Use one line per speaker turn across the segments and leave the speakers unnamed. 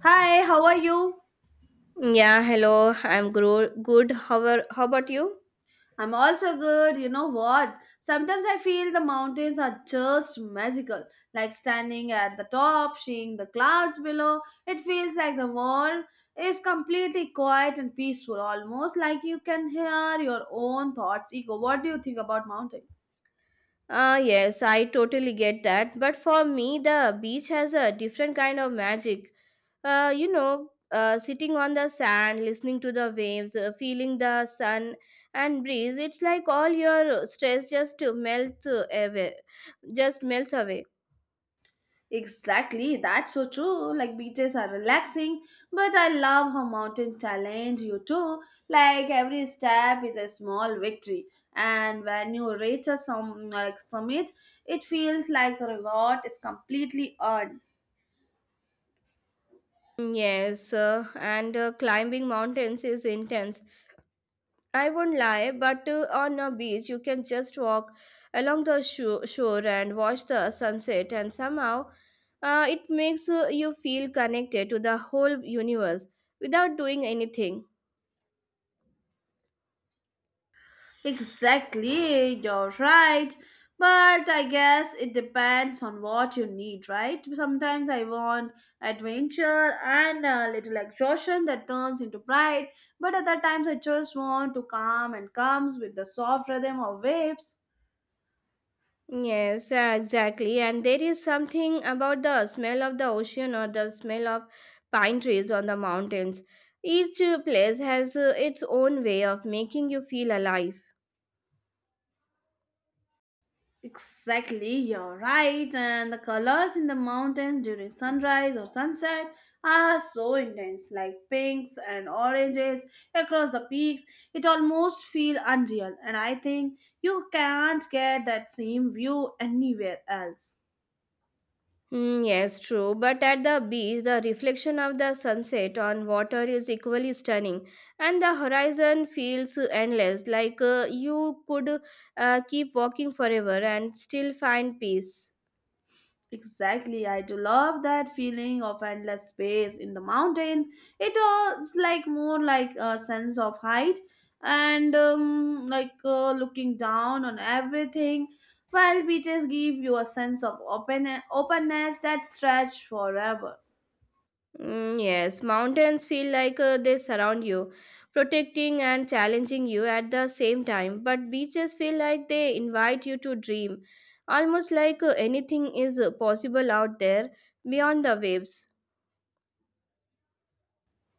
Hi, how are you?
Yeah, hello. I'm good. How about you?
I'm also good. You know what? Sometimes I feel the mountains are just magical. Like standing at the top, seeing the clouds below. It feels like the world is completely quiet and peaceful, almost like you can hear your own thoughts. Ego, what do you think about mountains?
Yes, I totally get that. But for me, the beach has a different kind of magic. Sitting on the sand, listening to the waves, feeling the sun and breeze, it's like all your stress just melts away.
Exactly, that's so true. Like beaches are relaxing, but I love how mountain challenge you too. Like every step is a small victory, and when you reach a some like summit, it feels like the reward is completely earned.
Mm, Yes, and Climbing mountains is intense. I won't lie, but on a beach, you can just walk along the shore and watch the sunset, and somehow it makes you feel connected to the whole universe without doing anything.
Exactly, you're right. But I guess it depends on what you need, right? Sometimes I want adventure and a little exhaustion that turns into pride, but other times I just want to calm and comes with the soft rhythm of waves.
Yes, exactly. And there is something about the smell of the ocean or the smell of pine trees on the mountains. Each place has its own way of making you feel alive.
Exactly, you're right. And the colors in the mountains during sunrise or sunset are so intense, like pinks and oranges across the peaks. It almost feels unreal, and I think you can't get that same view anywhere else.
Yes, true. But at the beach, the reflection of the sunset on water is equally stunning, and the horizon feels endless, like you could keep walking forever and still find peace.
Exactly, I do love that feeling of endless space in the mountains. It is like more like a sense of height and like looking down on everything. While beaches give you a sense of open openness that stretch forever.
Yes, mountains feel like they surround you, protecting and challenging you at the same time. But beaches feel like they invite you to dream, almost like anything is possible out there beyond the waves.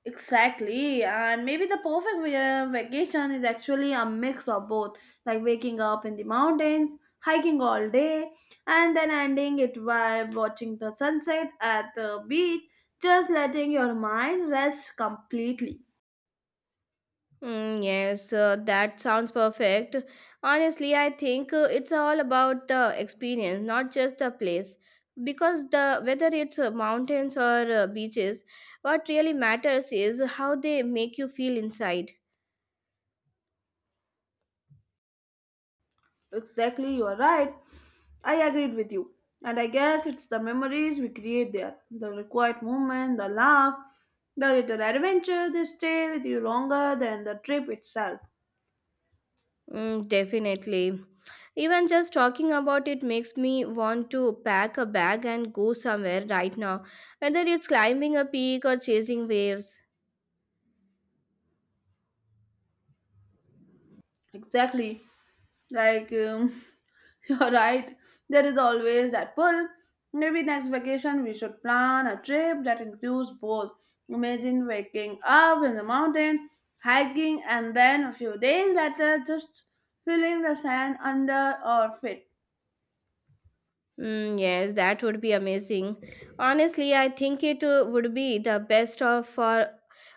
Exactly, and maybe the perfect vacation is actually a mix of both, like waking up in the mountains, hiking all day, and then ending it by watching the sunset at the beach, just letting your mind rest completely.
Yes, that sounds perfect. Honestly, I think it's all about the experience, not just the place. Because the whether it's mountains or beaches, what really matters is how they make you feel inside.
Exactly, you are right. I agreed with you, and I guess it's the memories we create there, the required moment, the laugh, the little adventure. They stay with you longer than the trip itself.
Mm, definitely. Even just talking about it makes me want to pack a bag and go somewhere right now, whether it's climbing a peak or chasing waves.
Exactly. Like, you're right, there is always that pull. Maybe next vacation we should plan a trip that includes both. Imagine waking up in the mountain, hiking, and then a few days later just feeling the sand under our feet.
Yes, that would be amazing. Honestly, I think it would be the best of for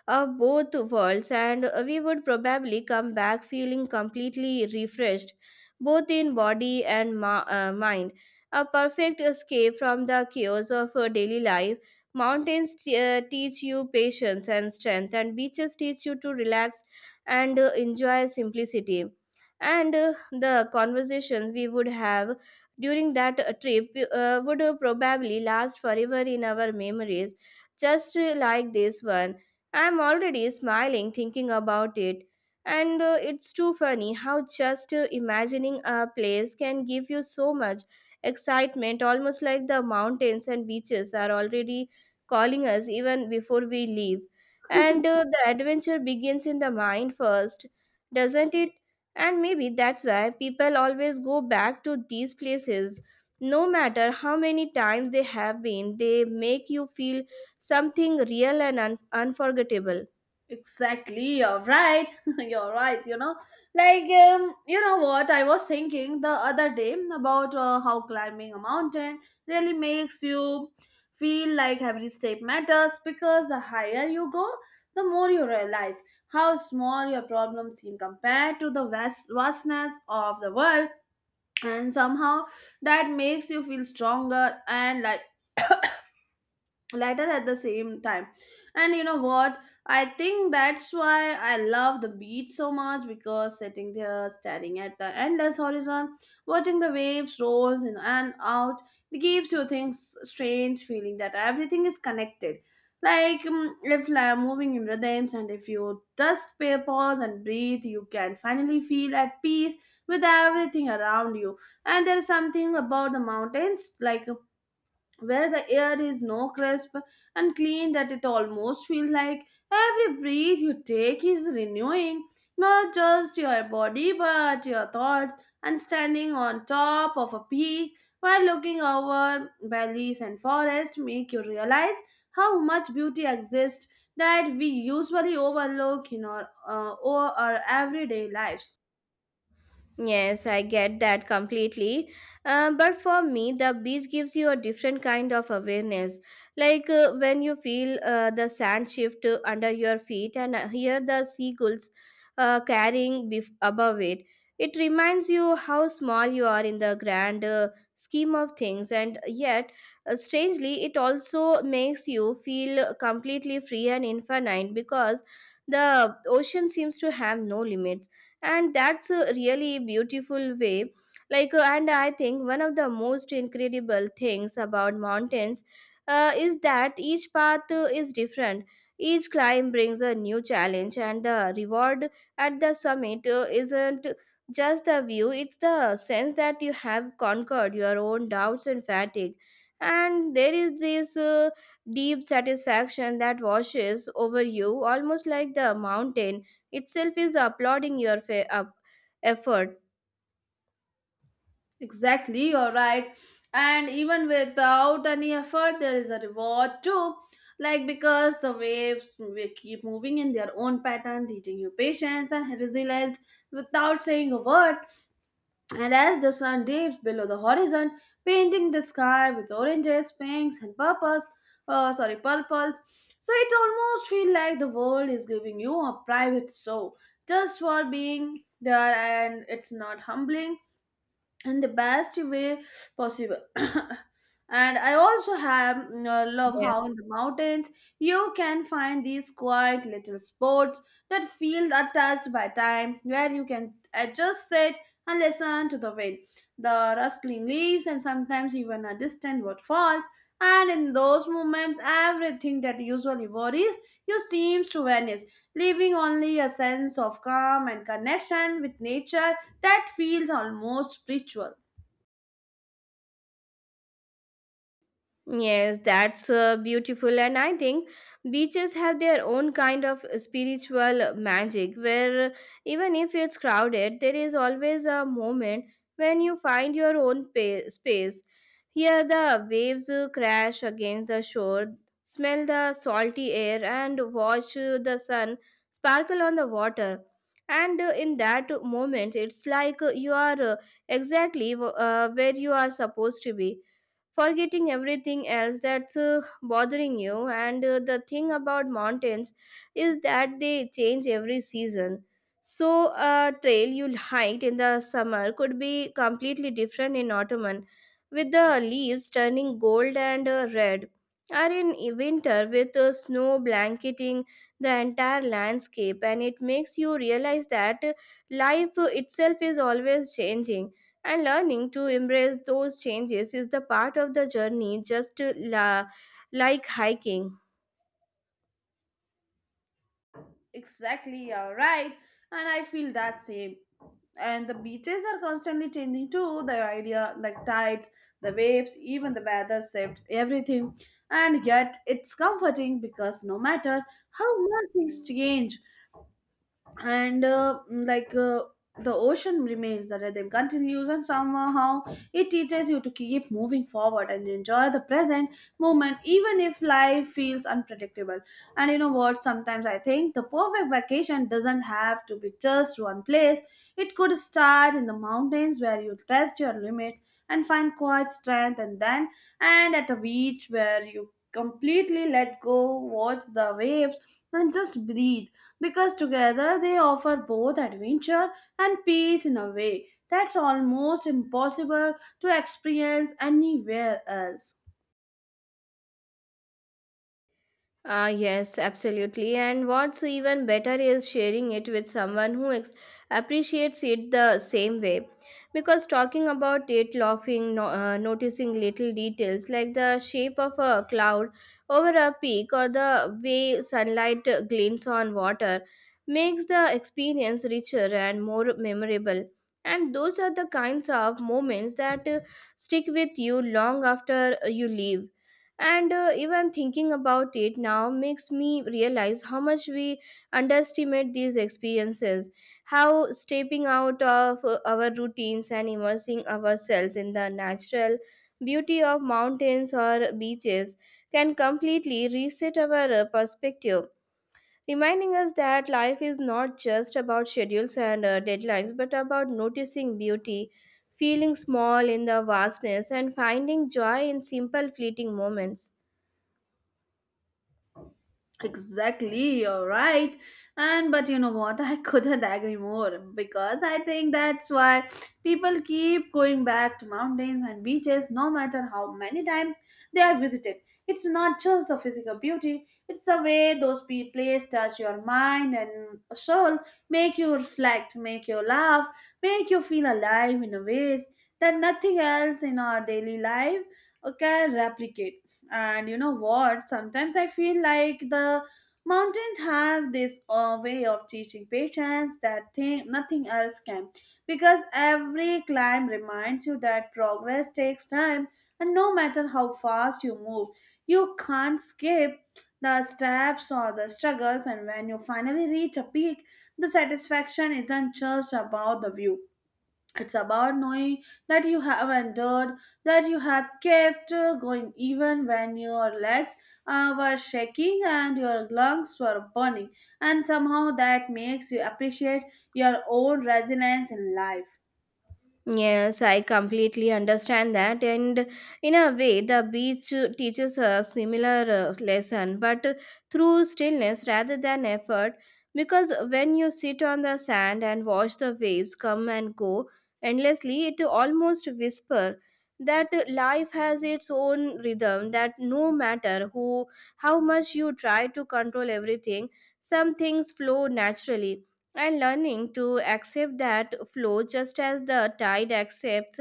of both worlds, and we would probably come back feeling completely refreshed, both in body and mind. A perfect escape from the chaos of daily life. Mountains teach you patience and strength, and beaches teach you to relax and enjoy simplicity. And the conversations we would have during that trip would probably last forever in our memories, just like this one. I'm already smiling thinking about it. And it's too funny how just imagining a place can give you so much excitement, almost like the mountains and beaches are already calling us even before we leave. And the adventure begins in the mind first, doesn't it? And maybe that's why people always go back to these places. No matter how many times they have been, they make you feel something real and unforgettable.
Exactly, you're right. You're right. Like, you know what? I was thinking the other day about how climbing a mountain really makes you feel like every step matters because the higher you go, the more you realize how small your problems seem compared to the vastness of the world. And somehow that makes you feel stronger and like later at the same time. And you know what? I think that's why I love the beach so much, because sitting there staring at the endless horizon, watching the waves rolls in and out, it gives you things strange feeling that everything is connected, like if like, moving in rhythms, and if you just pay pause and breathe you can finally feel at peace with everything around you. And there is something about the mountains, like where the air is no crisp and clean that it almost feels like every breath you take is renewing, not just your body but your thoughts. And standing on top of a peak while looking over valleys and forests make you realize how much beauty exists that we usually overlook in our everyday lives.
Yes, I get that completely. But for me, the beach gives you a different kind of awareness. Like when you feel the sand shift under your feet and hear the seagulls carrying above it, it reminds you how small you are in the grand scheme of things. And yet, strangely, it also makes you feel completely free and infinite because the ocean seems to have no limit, and that's a really beautiful way. And I think one of the most incredible things about mountains is that each path is different. Each climb brings a new challenge, and the reward at the summit isn't just the view. It's the sense that you have conquered your own doubts and fatigue, and there is this deep satisfaction that washes over you, almost like the mountain itself is applauding your fa- up effort
Exactly, you're right. And even without any effort, there is a reward too. Like because the waves will keep moving in their own pattern, teaching you patience and resilience without saying a word. And as the sun dips below the horizon, painting the sky with oranges, pinks, and purples. Sorry, purples. So it almost feels like the world is giving you a private show just for being there, and it's not humbling in the best way possible. And I also love
there.
how in the mountains you can find these quiet little spots that feel untouched by time, where you can just sit and listen to the wind, the rustling leaves, and sometimes even a distant waterfalls. And in those moments, everything that usually worries you seems to vanish, leaving only a sense of calm and connection with nature that feels almost spiritual.
Yes, that's beautiful. And I think beaches have their own kind of spiritual magic, where even if it's crowded, there is always a moment when you find your own space. Hear the waves crash against the shore, smell the salty air, and watch the sun sparkle on the water. And in that moment, it's like you are exactly where you are supposed to be, forgetting everything else that's bothering you. And the thing about mountains is that they change every season, so a trail you'll hike in the summer could be completely different in autumn, with the leaves turning gold and red, or in winter with snow blanketing the entire landscape. And it makes you realize that life itself is always changing, and learning to embrace those changes is the part of the journey, just like hiking.
Exactly, you're right. And I feel that same. And the beaches are constantly changing too. The idea, like tides, the waves, even the weather shifts, everything. And yet, it's comforting because no matter how much things change, and mm, like the ocean remains, the rhythm continues, and somehow it teaches you to keep moving forward and enjoy the present moment even if life feels unpredictable. And you know what? Sometimes I think the perfect vacation doesn't have to be just one place. It could start in the mountains where you test your limits and find quiet strength, and then and at a beach where you completely let go, watch the waves and just breathe, because together they offer both adventure and peace in a way that's almost impossible to experience anywhere else.
Ah, yes, absolutely. And what's even better is sharing it with someone who appreciates it the same way. Because talking about it, laughing, noticing little details like the shape of a cloud over a peak or the way sunlight glints on water makes the experience richer and more memorable. And those are the kinds of moments that stick with you long after you leave. And even thinking about it now makes me realize how much we underestimate these experiences, how stepping out of our routines and immersing ourselves in the natural beauty of mountains or beaches can completely reset our perspective, reminding us that life is not just about schedules and deadlines, but about noticing beauty, feeling small in the vastness, and finding joy in simple fleeting moments.
Exactly, you're right. And but you know what? I couldn't agree more, because I think that's why people keep going back to mountains and beaches no matter how many times they are visited. It's not just the physical beauty, it's the way those places touch your mind and soul, make you reflect, make you laugh, make you feel alive in a ways that nothing else in our daily life can replicate. And you know what? Sometimes I feel like the mountains have this way of teaching patience that thing nothing else can, because every climb reminds you that progress takes time, and no matter how fast you move you can't skip the steps or the struggles. And when you finally reach a peak, the satisfaction isn't just about the view, it's about knowing that you have endured, that you have kept going even when your legs were shaking and your lungs were burning, and somehow that makes you appreciate your own resilience in life.
Yes, I completely understand that, and in a way, the beach teaches a similar lesson, but through stillness rather than effort. Because when you sit on the sand and watch the waves come and go endlessly, it almost whisper that life has its own rhythm. That no matter who, how much you try to control everything, some things flow naturally, and learning to accept that flow, just as the tide accepts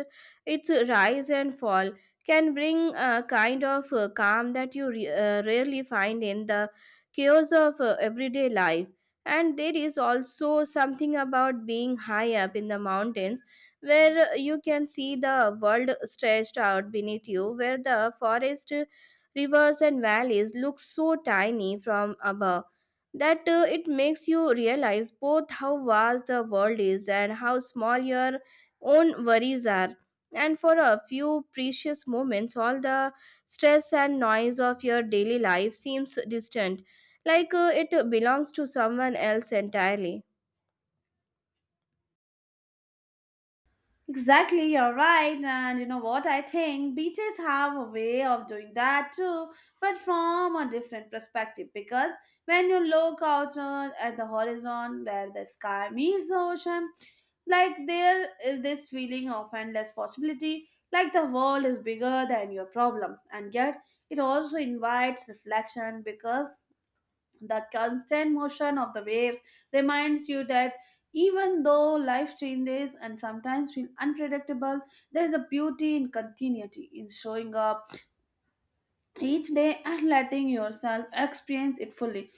its rise and fall, can bring a kind of calm that you rarely find in the chaos of everyday life. And there is also something about being high up in the mountains, where you can see the world stretched out beneath you, where the forest, rivers, and valleys look so tiny from above, that it makes you realize both how vast the world is and how small your own worries are. And for a few precious moments, all the stress and noise of your daily life seems distant, like it belongs to someone else entirely.
Exactly, you're right. And you know what? I think beaches have a way of doing that too, but from a different perspective. Because when you look out at the horizon where the sky meets the ocean, like there is this feeling of endless possibility, like the world is bigger than your problem. And yet, it also invites reflection because the constant motion of the waves reminds you that even though life changes and sometimes feel unpredictable, there is a beauty in continuity, in showing up each day and letting yourself experience it fully.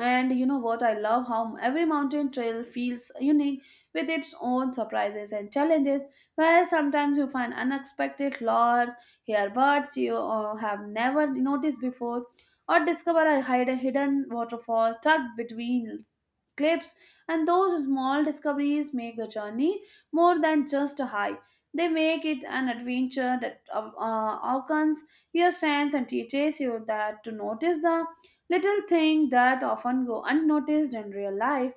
And you know what? I love how every mountain trail feels unique with its own surprises and challenges, where sometimes you find unexpected lures, hear birds you have never noticed before, or discover a hidden waterfall tucked between clips, and those small discoveries make the journey more than just a high. They make it an adventure that awakens your sense and teaches you that to notice the little things that often go unnoticed in real life.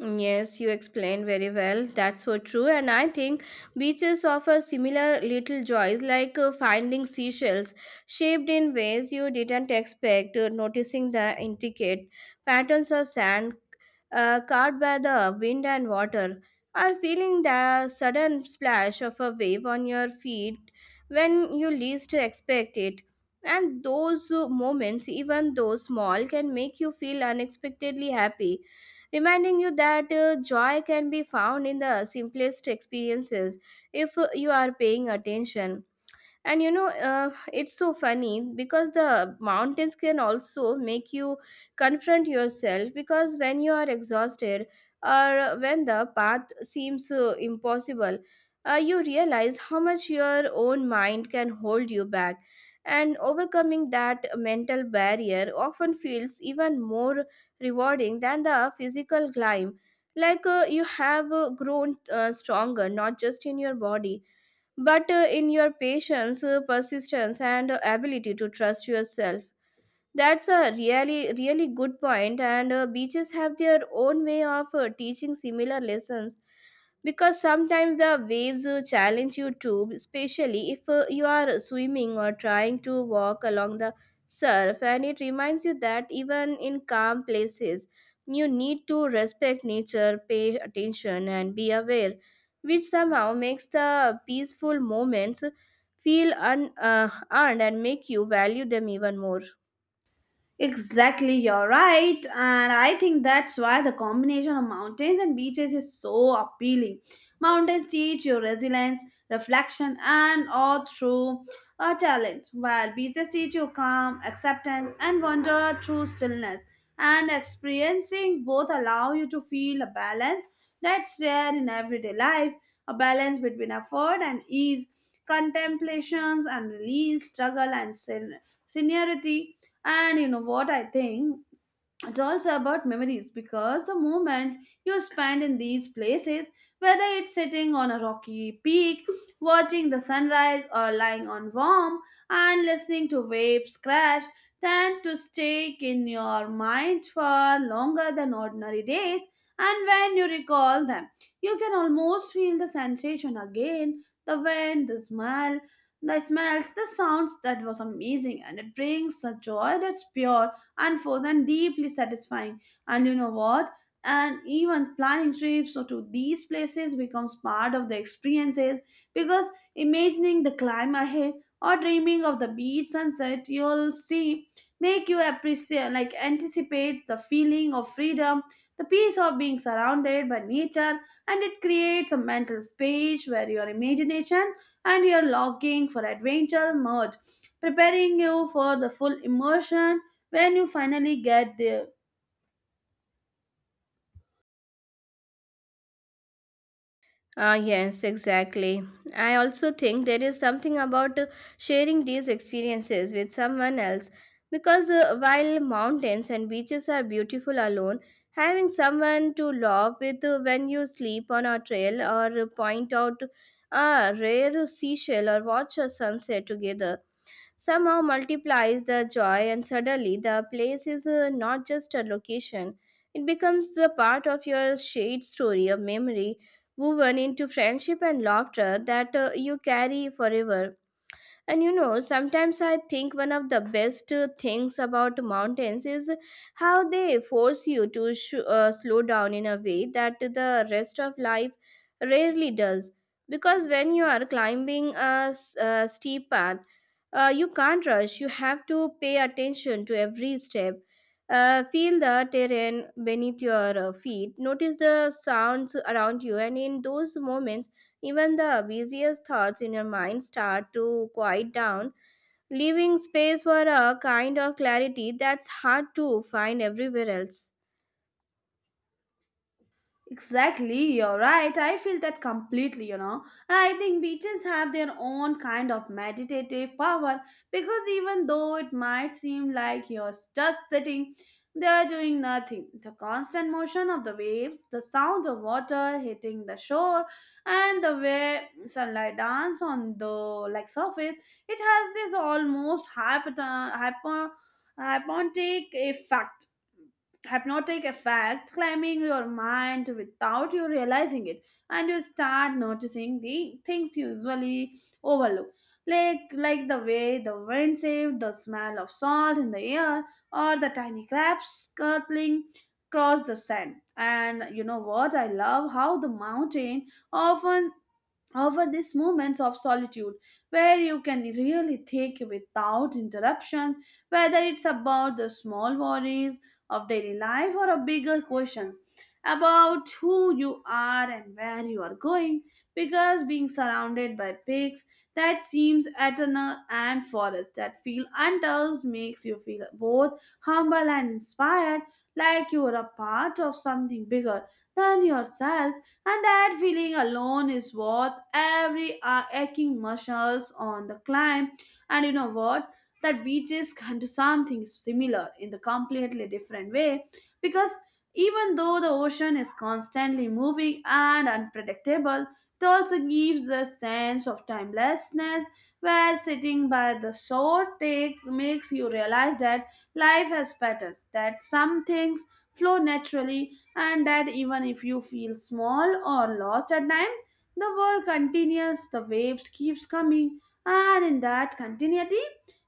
Yes, you explained very well. That's so true. And I think beaches offer similar little joys, like finding seashells shaped in ways you didn't expect, noticing the intricate patterns of sand carved by the wind and water, or feeling the sudden splash of a wave on your feet when you least expect it. And those moments, even though small, can make you feel unexpectedly happy, reminding you that joy can be found in the simplest experiences if you are paying attention. And you know it's so funny, because the mountains can also make you confront yourself, because when you are exhausted or when the path seems impossible, you realize how much your own mind can hold you back, and overcoming that mental barrier often feels even more rewarding than the physical climb. Like you have grown stronger, not just in your body, but in your patience, persistence, and ability to trust yourself. That's a really, really good point, and beaches have their own way of teaching similar lessons, because sometimes the waves challenge you too, especially if you are swimming or trying to walk along the surf, and it reminds you that even in calm places, you need to respect nature, pay attention, and be aware, which somehow makes the peaceful moments feel earned and make you value them even more.
Exactly, you're right. And I think that's why the combination of mountains and beaches is so appealing. Mountains teach you resilience, reflection, and all through a talent, while beaches teach you calm, acceptance, and wonder through stillness. And experiencing both allow you to feel a balance that's rare in everyday life, a balance between effort and ease, contemplations and release, struggle and seniority. And you know what I think? It's also about memories, because the moments you spend in these places, whether it's sitting on a rocky peak, watching the sunrise, or lying on warm and listening to waves crash, tend to stick in your mind for longer than ordinary days. And when you recall them, you can almost feel the sensation again, the wind, the smells, the sounds that was amazing, and it brings a joy that's pure and force and deeply satisfying. And you know what? And even planning trips to these places becomes part of the experiences because imagining the climb ahead or dreaming of the beach sunset you'll see make you appreciate like anticipate the feeling of freedom, the peace of being surrounded by nature. And it creates a mental space where your imagination and your longing for adventure merge, preparing you for the full immersion when you finally get there.
Ah, yes, exactly. I also think there is something about sharing these experiences with someone else, because while mountains and beaches are beautiful alone, having someone to laugh with when you sleep on a trail or point out a rare seashell or watch a sunset together somehow multiplies the joy, and suddenly the place is not just a location, it becomes the part of your shared story, a memory woven into friendship and laughter that you carry forever. And you know, sometimes I think one of the best things about mountains is how they force you to slow down in a way that the rest of life rarely does. Because when you are climbing a steep path, you can't rush. You have to pay attention to every step. Feel the terrain beneath your feet. Notice the sounds around you. And in those moments, even the busiest thoughts in your mind start to quiet down, leaving space for a kind of clarity that's hard to find everywhere else.
Exactly, you're right, I feel that completely, you know. And I think beaches have their own kind of meditative power because even though it might seem like you're just sitting there doing nothing, the constant motion of the waves, the sound of water hitting the shore, and the way sunlight dance on the like surface, it has this almost hypnot- hypo hypnotic effect climbing your mind without you realizing it. And you start noticing the things you usually overlook, like the way the wind saved, the smell of salt in the air, or the tiny crabs scuttling across the sand. And you know what? I love how the mountain often, however, these moments of solitude where you can really think without interruptions, whether it's about the small worries of daily life or a bigger questions about who you are and where you are going, because being surrounded by pigs that seems eternal and forests that feel untouched makes you feel both humble and inspired, like you are a part of something bigger than yourself. And that feeling alone is worth every aching muscles on the climb. And you know what? That beaches can do something similar in the completely different way, because even though the ocean is constantly moving and unpredictable, it also gives a sense of timelessness, where sitting by the shore takes makes you realize that life has patterns, that some things flow naturally, and that even if you feel small or lost at times, the world continues, the waves keeps coming, and in that continuity,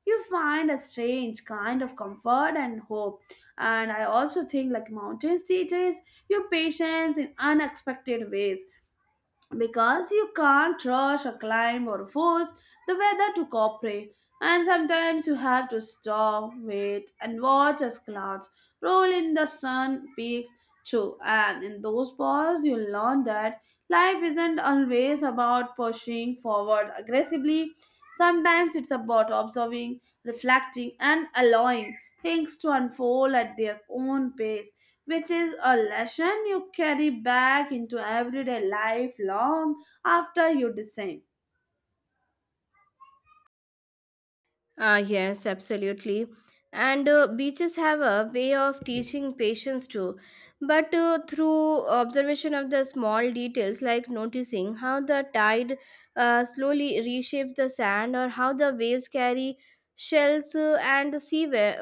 you find a strange kind of comfort and hope. And I also think like mountains teaches you patience in unexpected ways, because you can't rush or climb or force the weather to cooperate. And sometimes you have to stop, wait, and watch as clouds roll in, the sun peaks too. And in those pauses you learn that life isn't always about pushing forward aggressively. Sometimes it's about observing, reflecting, and allowing things to unfold at their own pace, which is a lesson you carry back into everyday life long after you descend.
Ah, yes, absolutely. And Beaches have a way of teaching patience too, but through observation of the small details, like noticing how the tide slowly reshapes the sand, or how the waves carry shells and seaweed,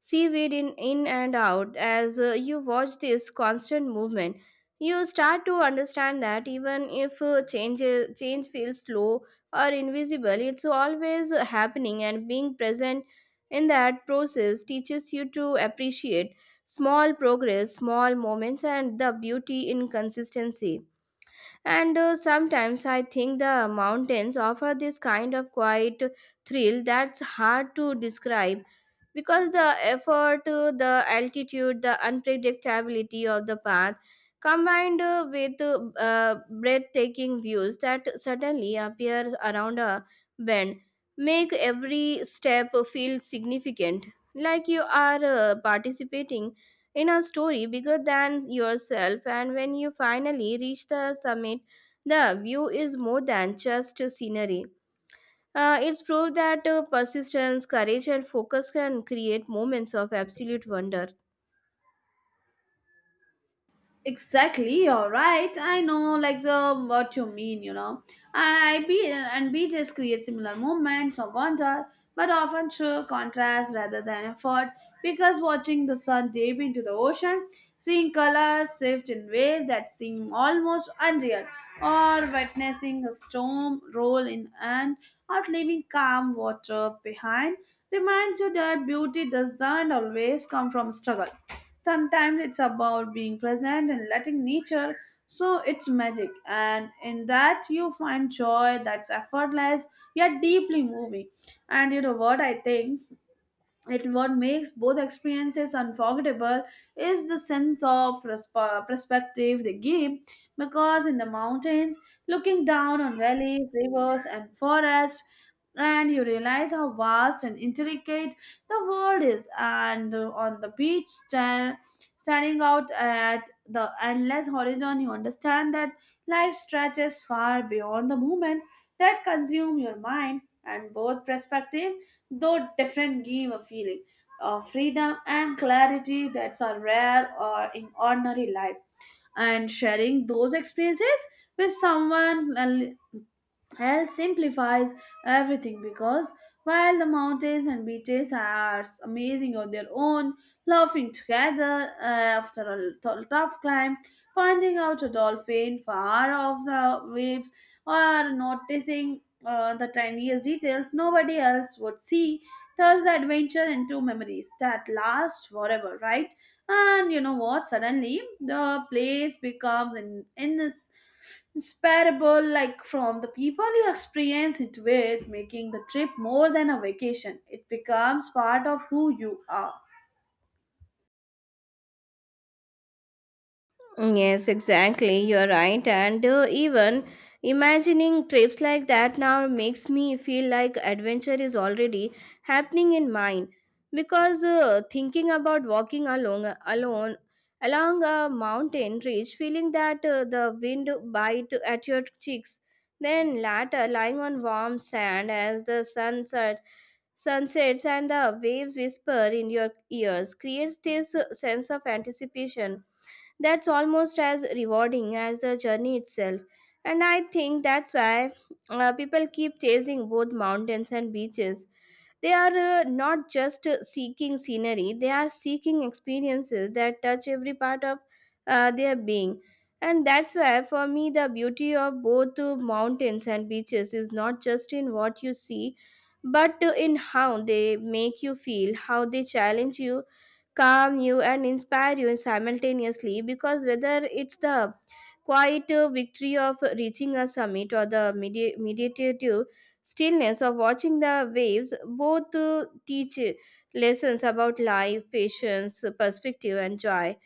seaweed in and out. As you watch this constant movement, you start to understand that even if change feels slow or invisible, it's always happening, and being present in that process teaches you to appreciate small progress, small moments, and the beauty in consistency. And Sometimes I think the mountains offer this kind of quiet thrill that's hard to describe because the effort, the altitude, the unpredictability of the path combined with breathtaking views that suddenly appear around a bend make every step feel significant, like you are participating in a story bigger than yourself. And when you finally reach the summit, the view is more than just scenery. It's proved that persistence, courage, and focus can create moments of absolute wonder.
Exactly, you're right. I know, like the what you mean, you know. And I be and BJs create similar moments of wonder, but often show contrast rather than effort. Because watching the sun dip into the ocean, seeing colors shift in ways that seem almost unreal, or witnessing a storm roll in and out, leaving calm water behind, reminds you that beauty doesn't always come from struggle. Sometimes it's about being present and letting nature so its magic, and in that you find joy that's effortless yet deeply moving. And you know what I think? It what makes both experiences unforgettable is the sense of perspective they give, because in the mountains looking down on valleys, rivers, and forests, and you realize how vast and intricate the world is. And on the beach standing out at the endless horizon, you understand that life stretches far beyond the moments that consume your mind. And both perspectives, though different, give a feeling of freedom and clarity that's are rare or in ordinary life. And sharing those experiences with someone hell simplifies everything, because while the mountains and beaches are amazing on their own, laughing together after a tough climb, pointing out a dolphin far off the waves, or noticing the tiniest details nobody else would see, turns the adventure into memories that last forever, right? And you know what? Suddenly, the place becomes in inseparable, like from the people you experience it with, making the trip more than a vacation. It becomes part of who you are.
Yes, exactly. You're right. And even imagining trips like that now makes me feel like adventure is already happening in mine. Because thinking about walking along alone along a mountain ridge, feeling that the wind bite at your cheeks, then later lying on warm sand as the sunsets and the waves whisper in your ears creates this sense of anticipation that's almost as rewarding as the journey itself. And I think that's why people keep chasing both mountains and beaches. They are not just seeking scenery, they are seeking experiences that touch every part of their being. And that's why, for me, the beauty of both mountains and beaches is not just in what you see, but in how they make you feel, how they challenge you, calm you, and inspire you simultaneously, because whether it's the quiet victory of reaching a summit or the meditative stillness of watching the waves, both teach lessons about life, patience, perspective, and joy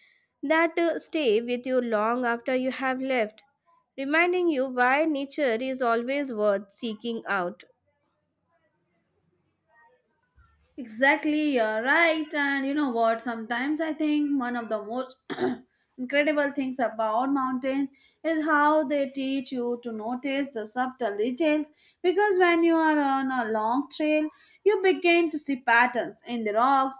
that stay with you long after you have left, reminding you why nature is always worth seeking out.
Exactly, you're right. And you know what? Sometimes I think one of the most incredible things about mountains is how they teach you to notice the subtle details. Because when you are on a long trail, you begin to see patterns in the rocks,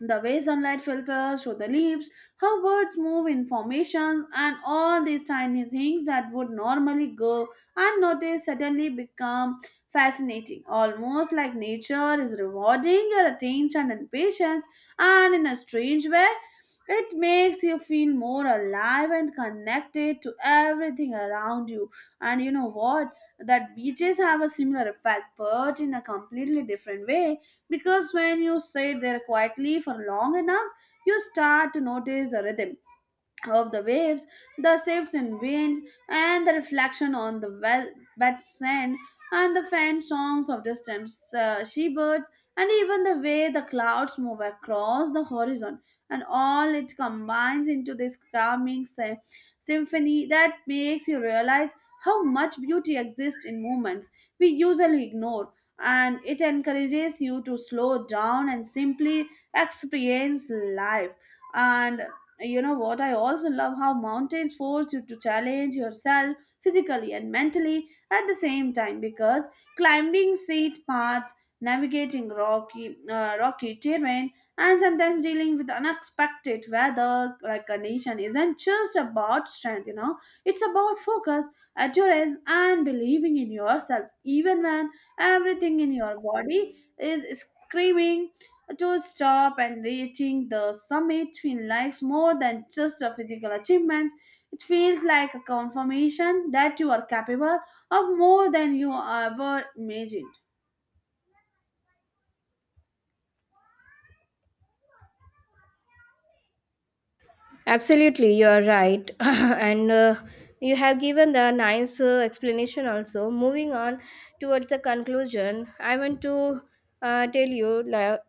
the way sunlight filters through the leaves, how birds move in formations, and all these tiny things that would normally go unnoticed suddenly become fascinating. Almost like nature is rewarding your attention and patience, and in a strange way, it makes you feel more alive and connected to everything around you. And you know what? That beaches have a similar effect, but in a completely different way, because when you sit there quietly for long enough, you start to notice a rhythm of the waves, the shifts in wind, and the reflection on the wet sand, and the faint songs of distant seabirds, and even the way the clouds move across the horizon. And all it combines into this calming symphony that makes you realize how much beauty exists in moments we usually ignore. And it encourages you to slow down and simply experience life. And you know what? I also love how mountains force you to challenge yourself physically and mentally at the same time, because climbing steep paths, navigating rocky terrain, and sometimes dealing with unexpected weather like condition isn't just about strength, you know. It's about focus, endurance, and believing in yourself even when everything in your body is screaming to stop. And reaching the summit feels like more than just a physical achievement. It feels like a confirmation that you are capable of more than you ever imagined.
Absolutely, you are right. And you have given the nice explanation also. Moving on towards the conclusion, I want to tell you, like,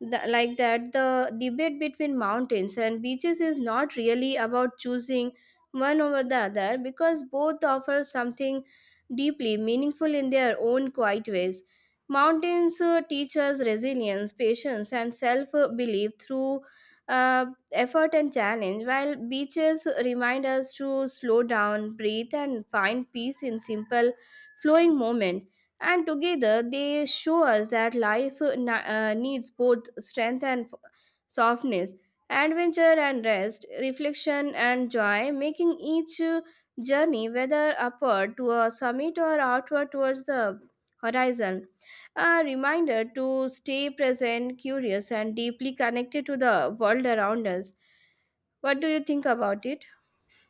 th- like that the debate between mountains and beaches is not really about choosing one over the other, because both offer something deeply meaningful in their own quiet ways. Mountains teach us resilience, patience, and self belief through. Uh, Effort and challenge, while beaches remind us to slow down, breathe, and find peace in simple, flowing moments. And together, they show us that life needs both strength and softness, adventure and rest, reflection and joy, making each journey, whether upward to a summit or outward towards the horizon, a reminder to stay present, curious, and deeply connected to the world around us. What do you think about it?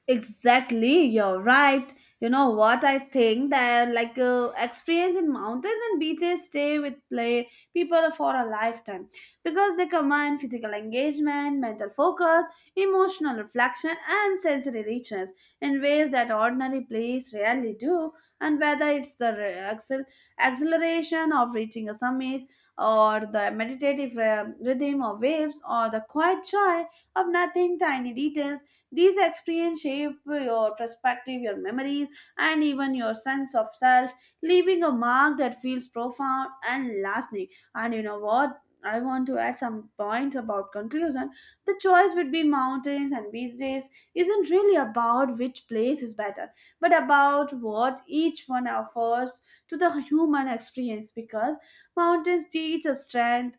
Exactly, you're right. You know what I think, that like experience in mountains and beaches stay with play people for a lifetime, because they combine physical engagement, mental focus, emotional reflection, and sensory richness in ways that ordinary plays rarely do. And whether it's the acceleration of reaching a summit, or the meditative rhythm of waves, or the quiet joy of nothing, tiny details, these experiences shape your perspective, your memories, and even your sense of self, leaving a mark that feels profound and lasting. And you know what? I want to add some points about conclusion. The choice between mountains and beach days isn't really about which place is better, but about what each one offers to the human experience, because mountains teach us strength,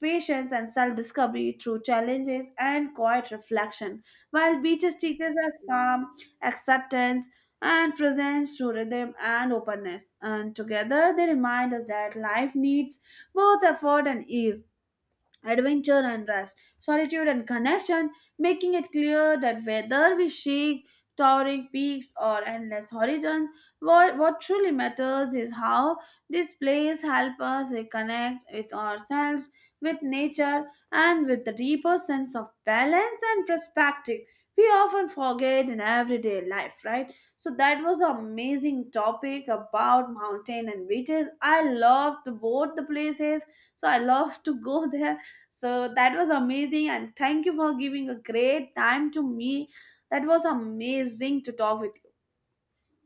patience, and self discovery through challenges and quiet reflection, while beaches teaches us calm, acceptance, and presence through rhythm and openness. And together they remind us that life needs both effort and ease, adventure and rest, solitude and connection, making it clear that whether we seek towering peaks or endless horizons, what truly matters is how this place helps us reconnect with ourselves, with nature, and with the deeper sense of balance and perspective we often forget in everyday life, right? So that was an amazing topic about mountain and beaches. I loved both the places, so I love to go there. So that was amazing, and thank you for giving a great time to me. That was amazing to talk with you.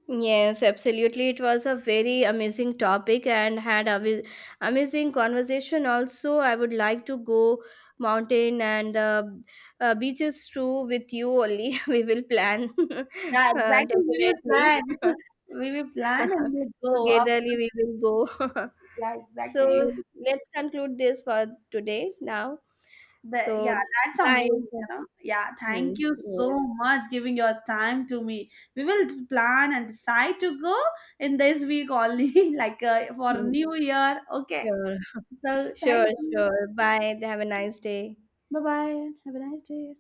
Yes, absolutely. It was a very amazing topic and had a amazing conversation. Also, I would like to go mountain and beaches too with you only. We will plan
Yeah, exactly. We will
definitely
plan. We will plan and we will go up.
togetherly. We will go.
Yeah,
So
exactly.
let's conclude this for today now.
The, yeah,
So
that's
bye.
amazing. You know? Yeah,
Hmm,
thank you so
yes.
much giving your time to me. We will plan and decide to go in this week only, like for
Hmm.
New Year. Okay.
Sure.
So
Sure,
thank you.
sure. Bye. Have a nice day.
Bye bye. Have a nice day.